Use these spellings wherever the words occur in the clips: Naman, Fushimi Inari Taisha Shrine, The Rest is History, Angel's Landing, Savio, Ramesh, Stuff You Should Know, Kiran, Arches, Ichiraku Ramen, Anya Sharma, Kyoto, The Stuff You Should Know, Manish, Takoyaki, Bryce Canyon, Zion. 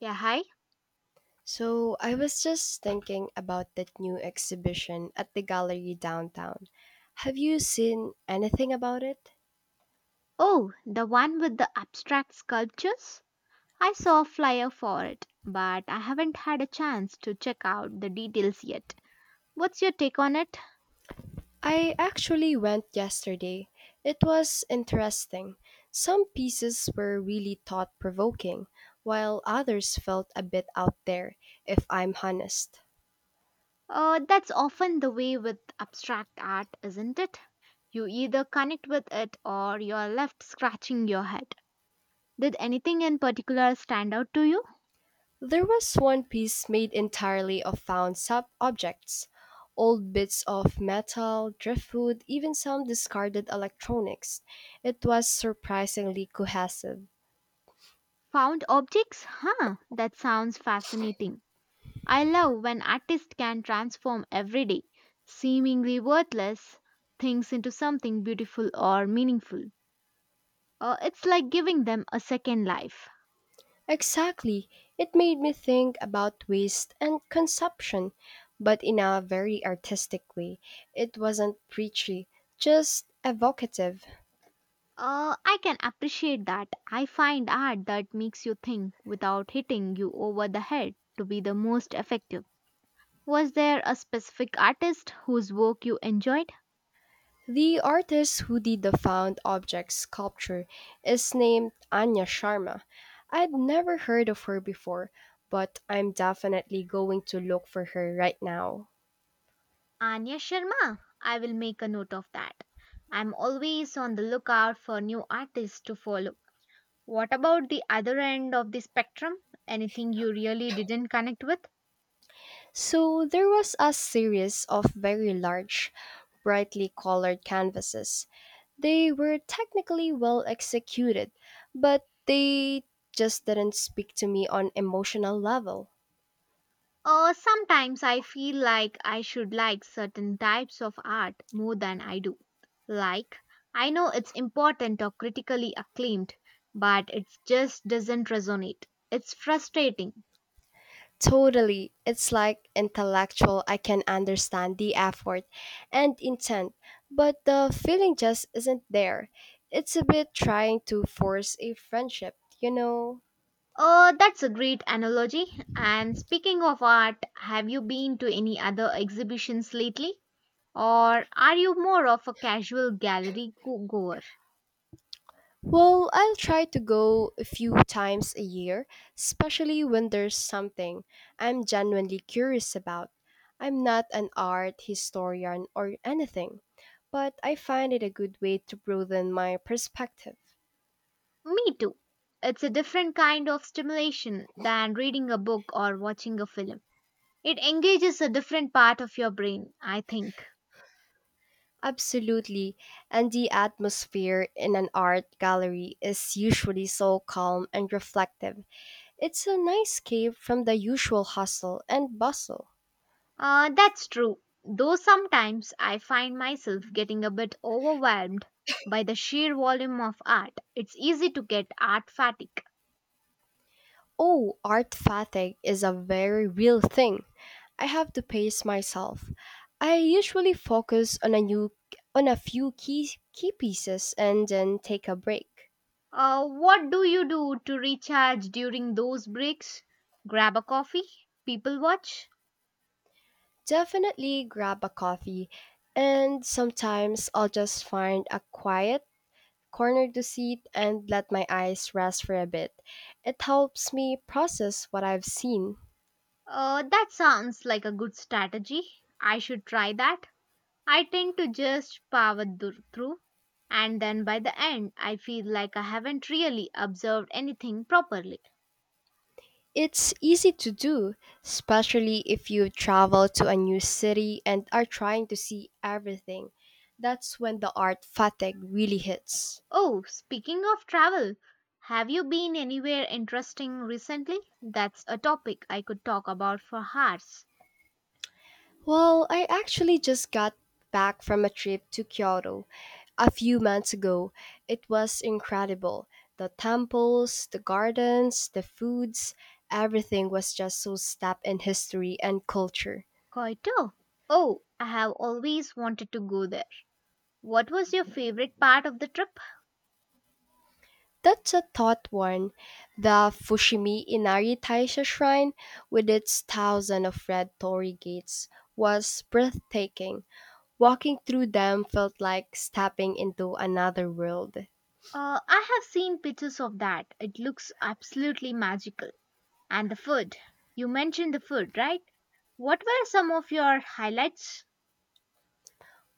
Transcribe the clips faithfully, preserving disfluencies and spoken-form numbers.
Yeah, hi. So I was just thinking about that new exhibition at the gallery downtown. Have you seen anything about it? Oh, the one with the abstract sculptures? I saw a flyer for it, but I haven't had a chance to check out the details yet. What's your take on it? I actually went yesterday. It was interesting. Some pieces were really thought provoking, while others felt a bit out there, if I'm honest. Uh, that's often the way with abstract art, isn't it? You either connect with it or you're left scratching your head. Did anything in particular stand out to you? There was one piece made entirely of found sub objects, old bits of metal, driftwood, even some discarded electronics. It was surprisingly cohesive. Found objects? Huh, that sounds fascinating. I love when artists can transform everyday, seemingly worthless things into something beautiful or meaningful. Uh, it's like giving them a second life. Exactly. It made me think about waste and consumption, but in a very artistic way. It wasn't preachy, just evocative. Uh, I can appreciate that. I find art that makes you think without hitting you over the head to be the most effective. Was there a specific artist whose work you enjoyed? The artist who did the found object sculpture is named Anya Sharma. I'd never heard of her before, but I'm definitely going to look for her right now. Anya Sharma. I will make a note of that. I'm always on the lookout for new artists to follow. What about the other end of the spectrum? Anything you really didn't connect with? So there was a series of very large, brightly colored canvases. They were technically well executed, but they just didn't speak to me on emotional level. Uh, sometimes I feel like I should like certain types of art more than I do. Like, I know it's important or critically acclaimed, but it just doesn't resonate. It's frustrating. Totally. It's like intellectual. I can understand the effort and intent, but the feeling just isn't there. It's a bit trying to force a friendship, you know? Uh, that's a great analogy. And speaking of art, have you been to any other exhibitions lately? Or are you more of a casual gallery go- goer? Well, I'll try to go a few times a year, especially when there's something I'm genuinely curious about. I'm not an art historian or anything, but I find it a good way to broaden my perspective. Me too. It's a different kind of stimulation than reading a book or watching a film. It engages a different part of your brain, I think. Absolutely. And the atmosphere in an art gallery is usually so calm and reflective. It's a nice escape from the usual hustle and bustle. Uh, that's true. Though sometimes I find myself getting a bit overwhelmed by the sheer volume of art. It's easy to get art fatigue. Oh, art fatigue is a very real thing. I have to pace myself. I usually focus on a new on a few key key pieces and then take a break. Uh, what do you do to recharge during those breaks? Grab a coffee? People watch? Definitely grab a coffee and sometimes I'll just find a quiet cornered the seat, and let my eyes rest for a bit. It helps me process what I've seen. Uh, that sounds like a good strategy. I should try that. I tend to just power dur- through, and then by the end, I feel like I haven't really observed anything properly. It's easy to do, especially if you travel to a new city and are trying to see everything. That's when the art fatigue really hits. Oh, speaking of travel, have you been anywhere interesting recently? That's a topic I could talk about for hours. Well, I actually just got back from a trip to Kyoto a few months ago. It was incredible. The temples, the gardens, the foods, everything was just so steeped in history and culture. Kyoto. Oh, I have always wanted to go there. What was your favorite part of the trip? That's a thought one. The Fushimi Inari Taisha Shrine, with its thousand of red torii gates, was breathtaking. Walking through them felt like stepping into another world. Uh, I have seen pictures of that. It looks absolutely magical. And the food. You mentioned the food, right? What were some of your highlights?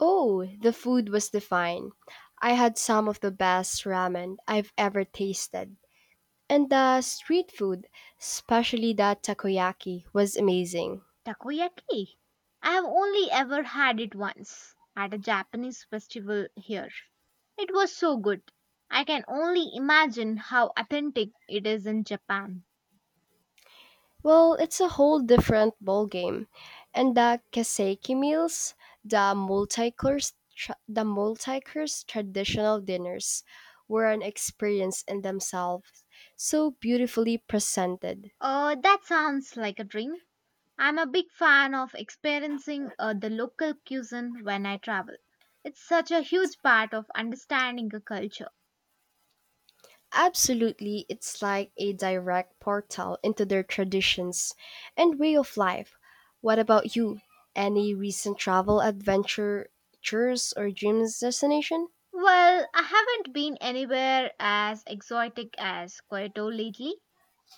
Oh, the food was divine. I had some of the best ramen I've ever tasted. And the street food, especially that takoyaki, was amazing. Takoyaki. I have only ever had it once at a Japanese festival here. It was so good. I can only imagine how authentic it is in Japan. Well, it's a whole different ballgame. And the kaseki meals, the multi-course, tra- the multi-course traditional dinners, were an experience in themselves, so beautifully presented. Uh, that sounds like a dream. I'm a big fan of experiencing uh, the local cuisine when I travel. It's such a huge part of understanding a culture. Absolutely, it's like a direct portal into their traditions and way of life. What about you? Any recent travel adventure, tours, or dreams destination? Well, I haven't been anywhere as exotic as Kyoto lately.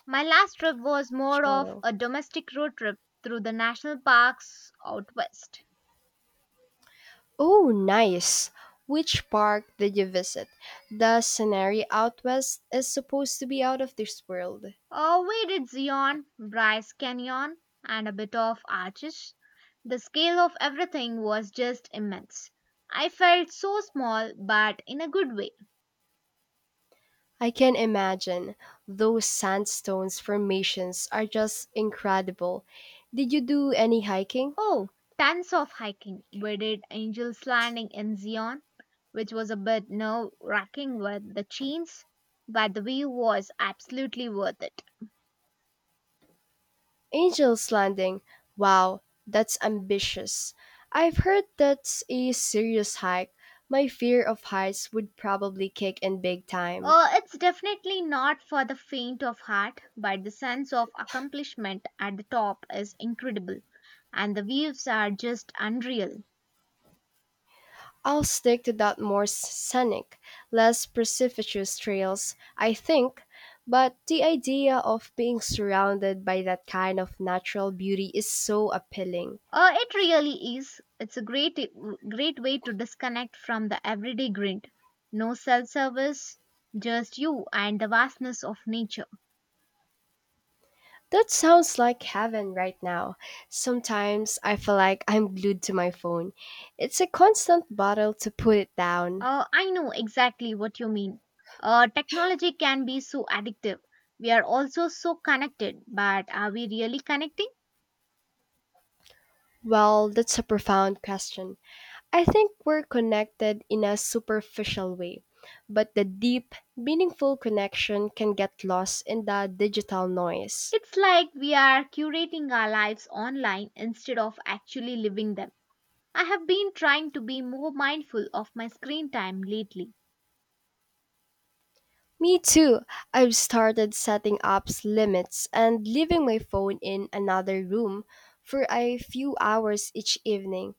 My last trip was more of Kyoto. a domestic road trip through the national parks out west. Oh, nice! Which park did you visit? The scenery out west is supposed to be out of this world. Uh, we did Zion, Bryce Canyon, and a bit of Arches. The scale of everything was just immense. I felt so small, but in a good way. I can imagine. Those sandstones formations are just incredible. Did you do any hiking? Oh, tons of hiking. We did Angel's Landing in Zion, which was a bit nerve wracking with the chains, but the view was absolutely worth it. Angel's Landing. Wow, that's ambitious. I've heard that's a serious hike. My fear of heights would probably kick in big time. Uh, it's definitely not for the faint of heart, but the sense of accomplishment at the top is incredible, and the views are just unreal. I'll stick to that more scenic, less precipitous trails, I think, but the idea of being surrounded by that kind of natural beauty is so appealing. Uh, it really is. It's a great, great way to disconnect from the everyday grind. No self service, just you and the vastness of nature. That sounds like heaven right now. Sometimes I feel like I'm glued to my phone. It's a constant battle to put it down. Uh, I know exactly what you mean. Uh, technology can be so addictive. We are also so connected, but are we really connecting? Well, that's a profound question. I think we're connected in a superficial way, but the deep, meaningful connection can get lost in the digital noise. It's like we are curating our lives online instead of actually living them. I have been trying to be more mindful of my screen time lately. Me too. I've started setting up limits and leaving my phone in another room for a few hours each evening.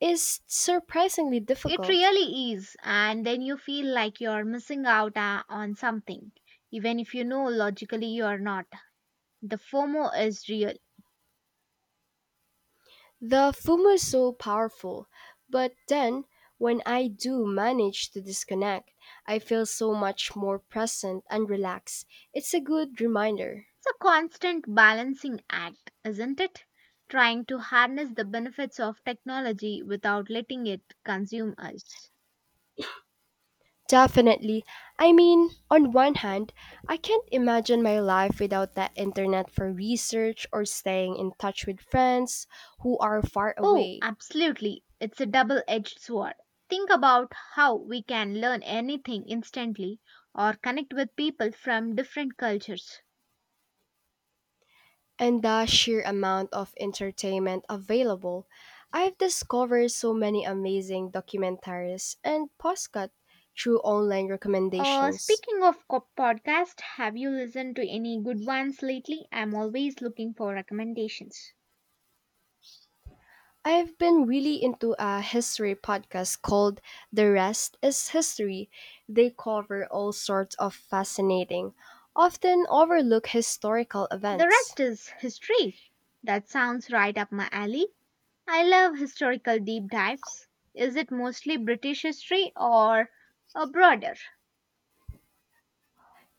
It's surprisingly It difficult. really is, and then you feel like you're missing out uh, on something, even if you know logically you're not. The FOMO is real. The FOMO is so powerful, but then when I do manage to disconnect, I feel so much more present and relaxed. It's a good reminder. It's a constant balancing act, isn't it? Trying to harness the benefits of technology without letting it consume us. Definitely. I mean, on one hand, I can't imagine my life without that internet for research or staying in touch with friends who are far Oh, away. absolutely. It's a double edged sword. Think about how we can learn anything instantly or connect with people from different cultures. And the sheer amount of entertainment available. I've discovered so many amazing documentaries and podcasts through online Uh, recommendations. Speaking of co- podcast, have you listened to any good ones lately? I'm always looking for recommendations. I've been really into a history podcast called The Rest is History. They cover all sorts of fascinating, often overlooked historical The events. rest is history. That sounds right up my alley. I love historical deep dives. Is it mostly British history or a broader?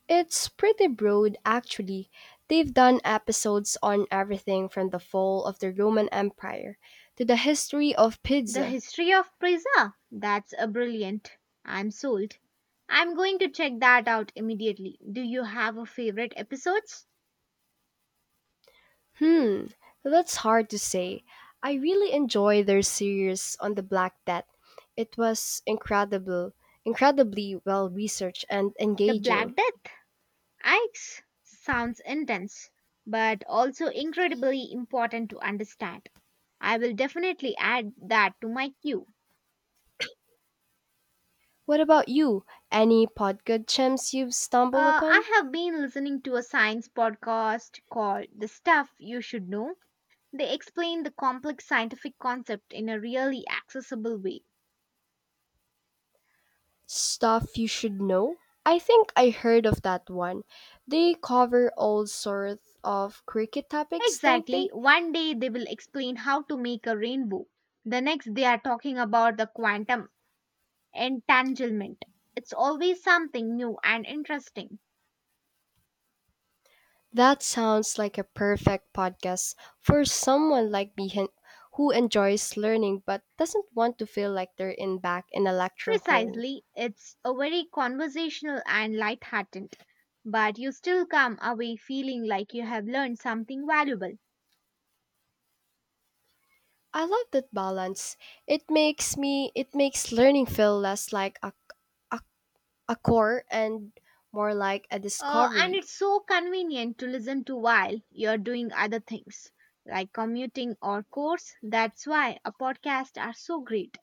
It's pretty broad, actually. They've done episodes on everything from the fall of the Roman Empire to the history of The pizza. history of Pisa? That's a brilliant. I'm sold. I'm going to check that out immediately. Do you have a favorite episodes? Hmm, that's hard to say. I really enjoy their series on the Black Death. It was incredible, incredibly well researched and The engaging. Black Death? Ike's sounds intense, but also incredibly important to understand. I will definitely add that to my queue. What about you? Any podcast gems you've stumbled Uh, upon? I have been listening to a science podcast called The Stuff You Should Know. They explain the complex scientific concept in a really accessible way. Stuff you should know? I think I heard of that one. They cover all sorts of cricket topics, don't they? Exactly, one day they will explain how to make a rainbow. The next, they are talking about the quantum entanglement. It's always something new and interesting. That sounds like a perfect podcast for someone like me hen- who enjoys learning but doesn't want to feel like they're in back in a lecture hole. Precisely, it's a very conversational and lighthearted, but you still come away feeling like you have learned something valuable. I love that balance. It makes me it makes learning feel less like a, a, a core and more like a Uh, and discovery. it's so convenient to listen to while you're doing other things like commuting or course. That's why a podcast are so great.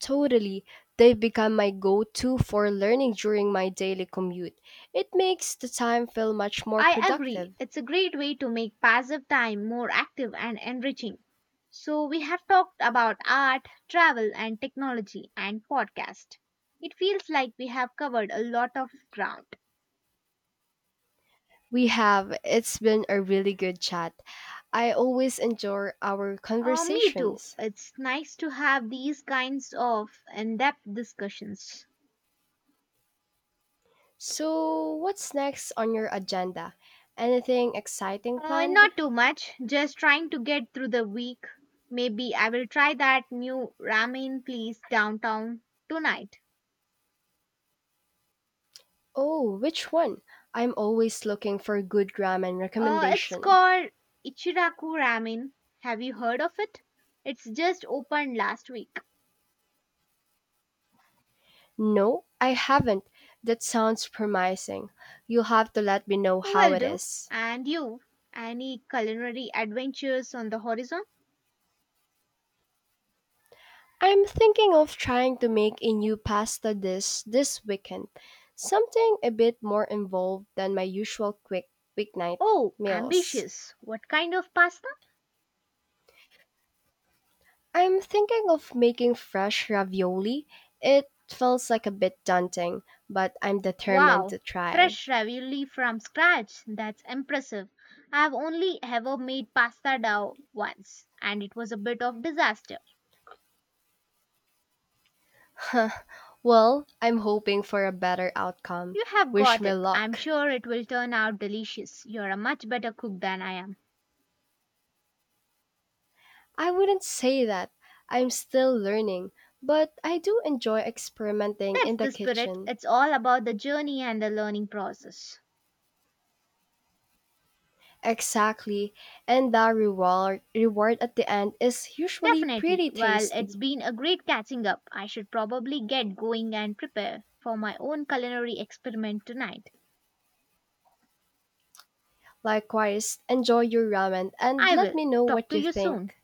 Totally. They've become my go to for learning during my daily commute. It makes the time feel much more I agree. productive. It's a great way to make passive time more active and enriching. So we have talked about art, travel and technology and podcast. It feels like we have covered a lot of ground. We have. It's been a really good chat. I always enjoy our Uh, me too. conversations. It's nice to have these kinds of in-depth discussions. So, what's next on your agenda? Anything exciting Uh, planned? Not too much, just trying to get through the week. Maybe I will try that new ramen place downtown tonight. Oh, which one? I'm always looking for good ramen Uh, it's recommendation. called Ichiraku Ramen. Have you heard of it? It's just opened last week. No, I haven't. That sounds promising. You'll have to let me know how Will it do. is. And you? Any culinary adventures on the horizon? I'm thinking of trying to make a new pasta dish this weekend. Something a bit more involved than my usual quick weeknight Oh, meals. ambitious. What kind of pasta? I'm thinking of making fresh ravioli. It feels like a bit daunting, but I'm determined Wow, to try. fresh ravioli from scratch. That's impressive. I've only ever made pasta dough once, and it was a bit of disaster. Well, I'm hoping for a better outcome. You have Wish got me it. I'm luck. sure it will turn out delicious. You're a much better cook than I am. I wouldn't say that. I'm still learning, but I do enjoy experimenting That's in the the spirit. kitchen. It's all about the journey and the learning process. Exactly, and the reward reward at the end is usually Definitely. pretty Well, it's tasty. been a great catching up. I should probably get going and prepare for my own culinary experiment tonight. Likewise, enjoy your ramen and I let will. me know Talk what to you you soon. think.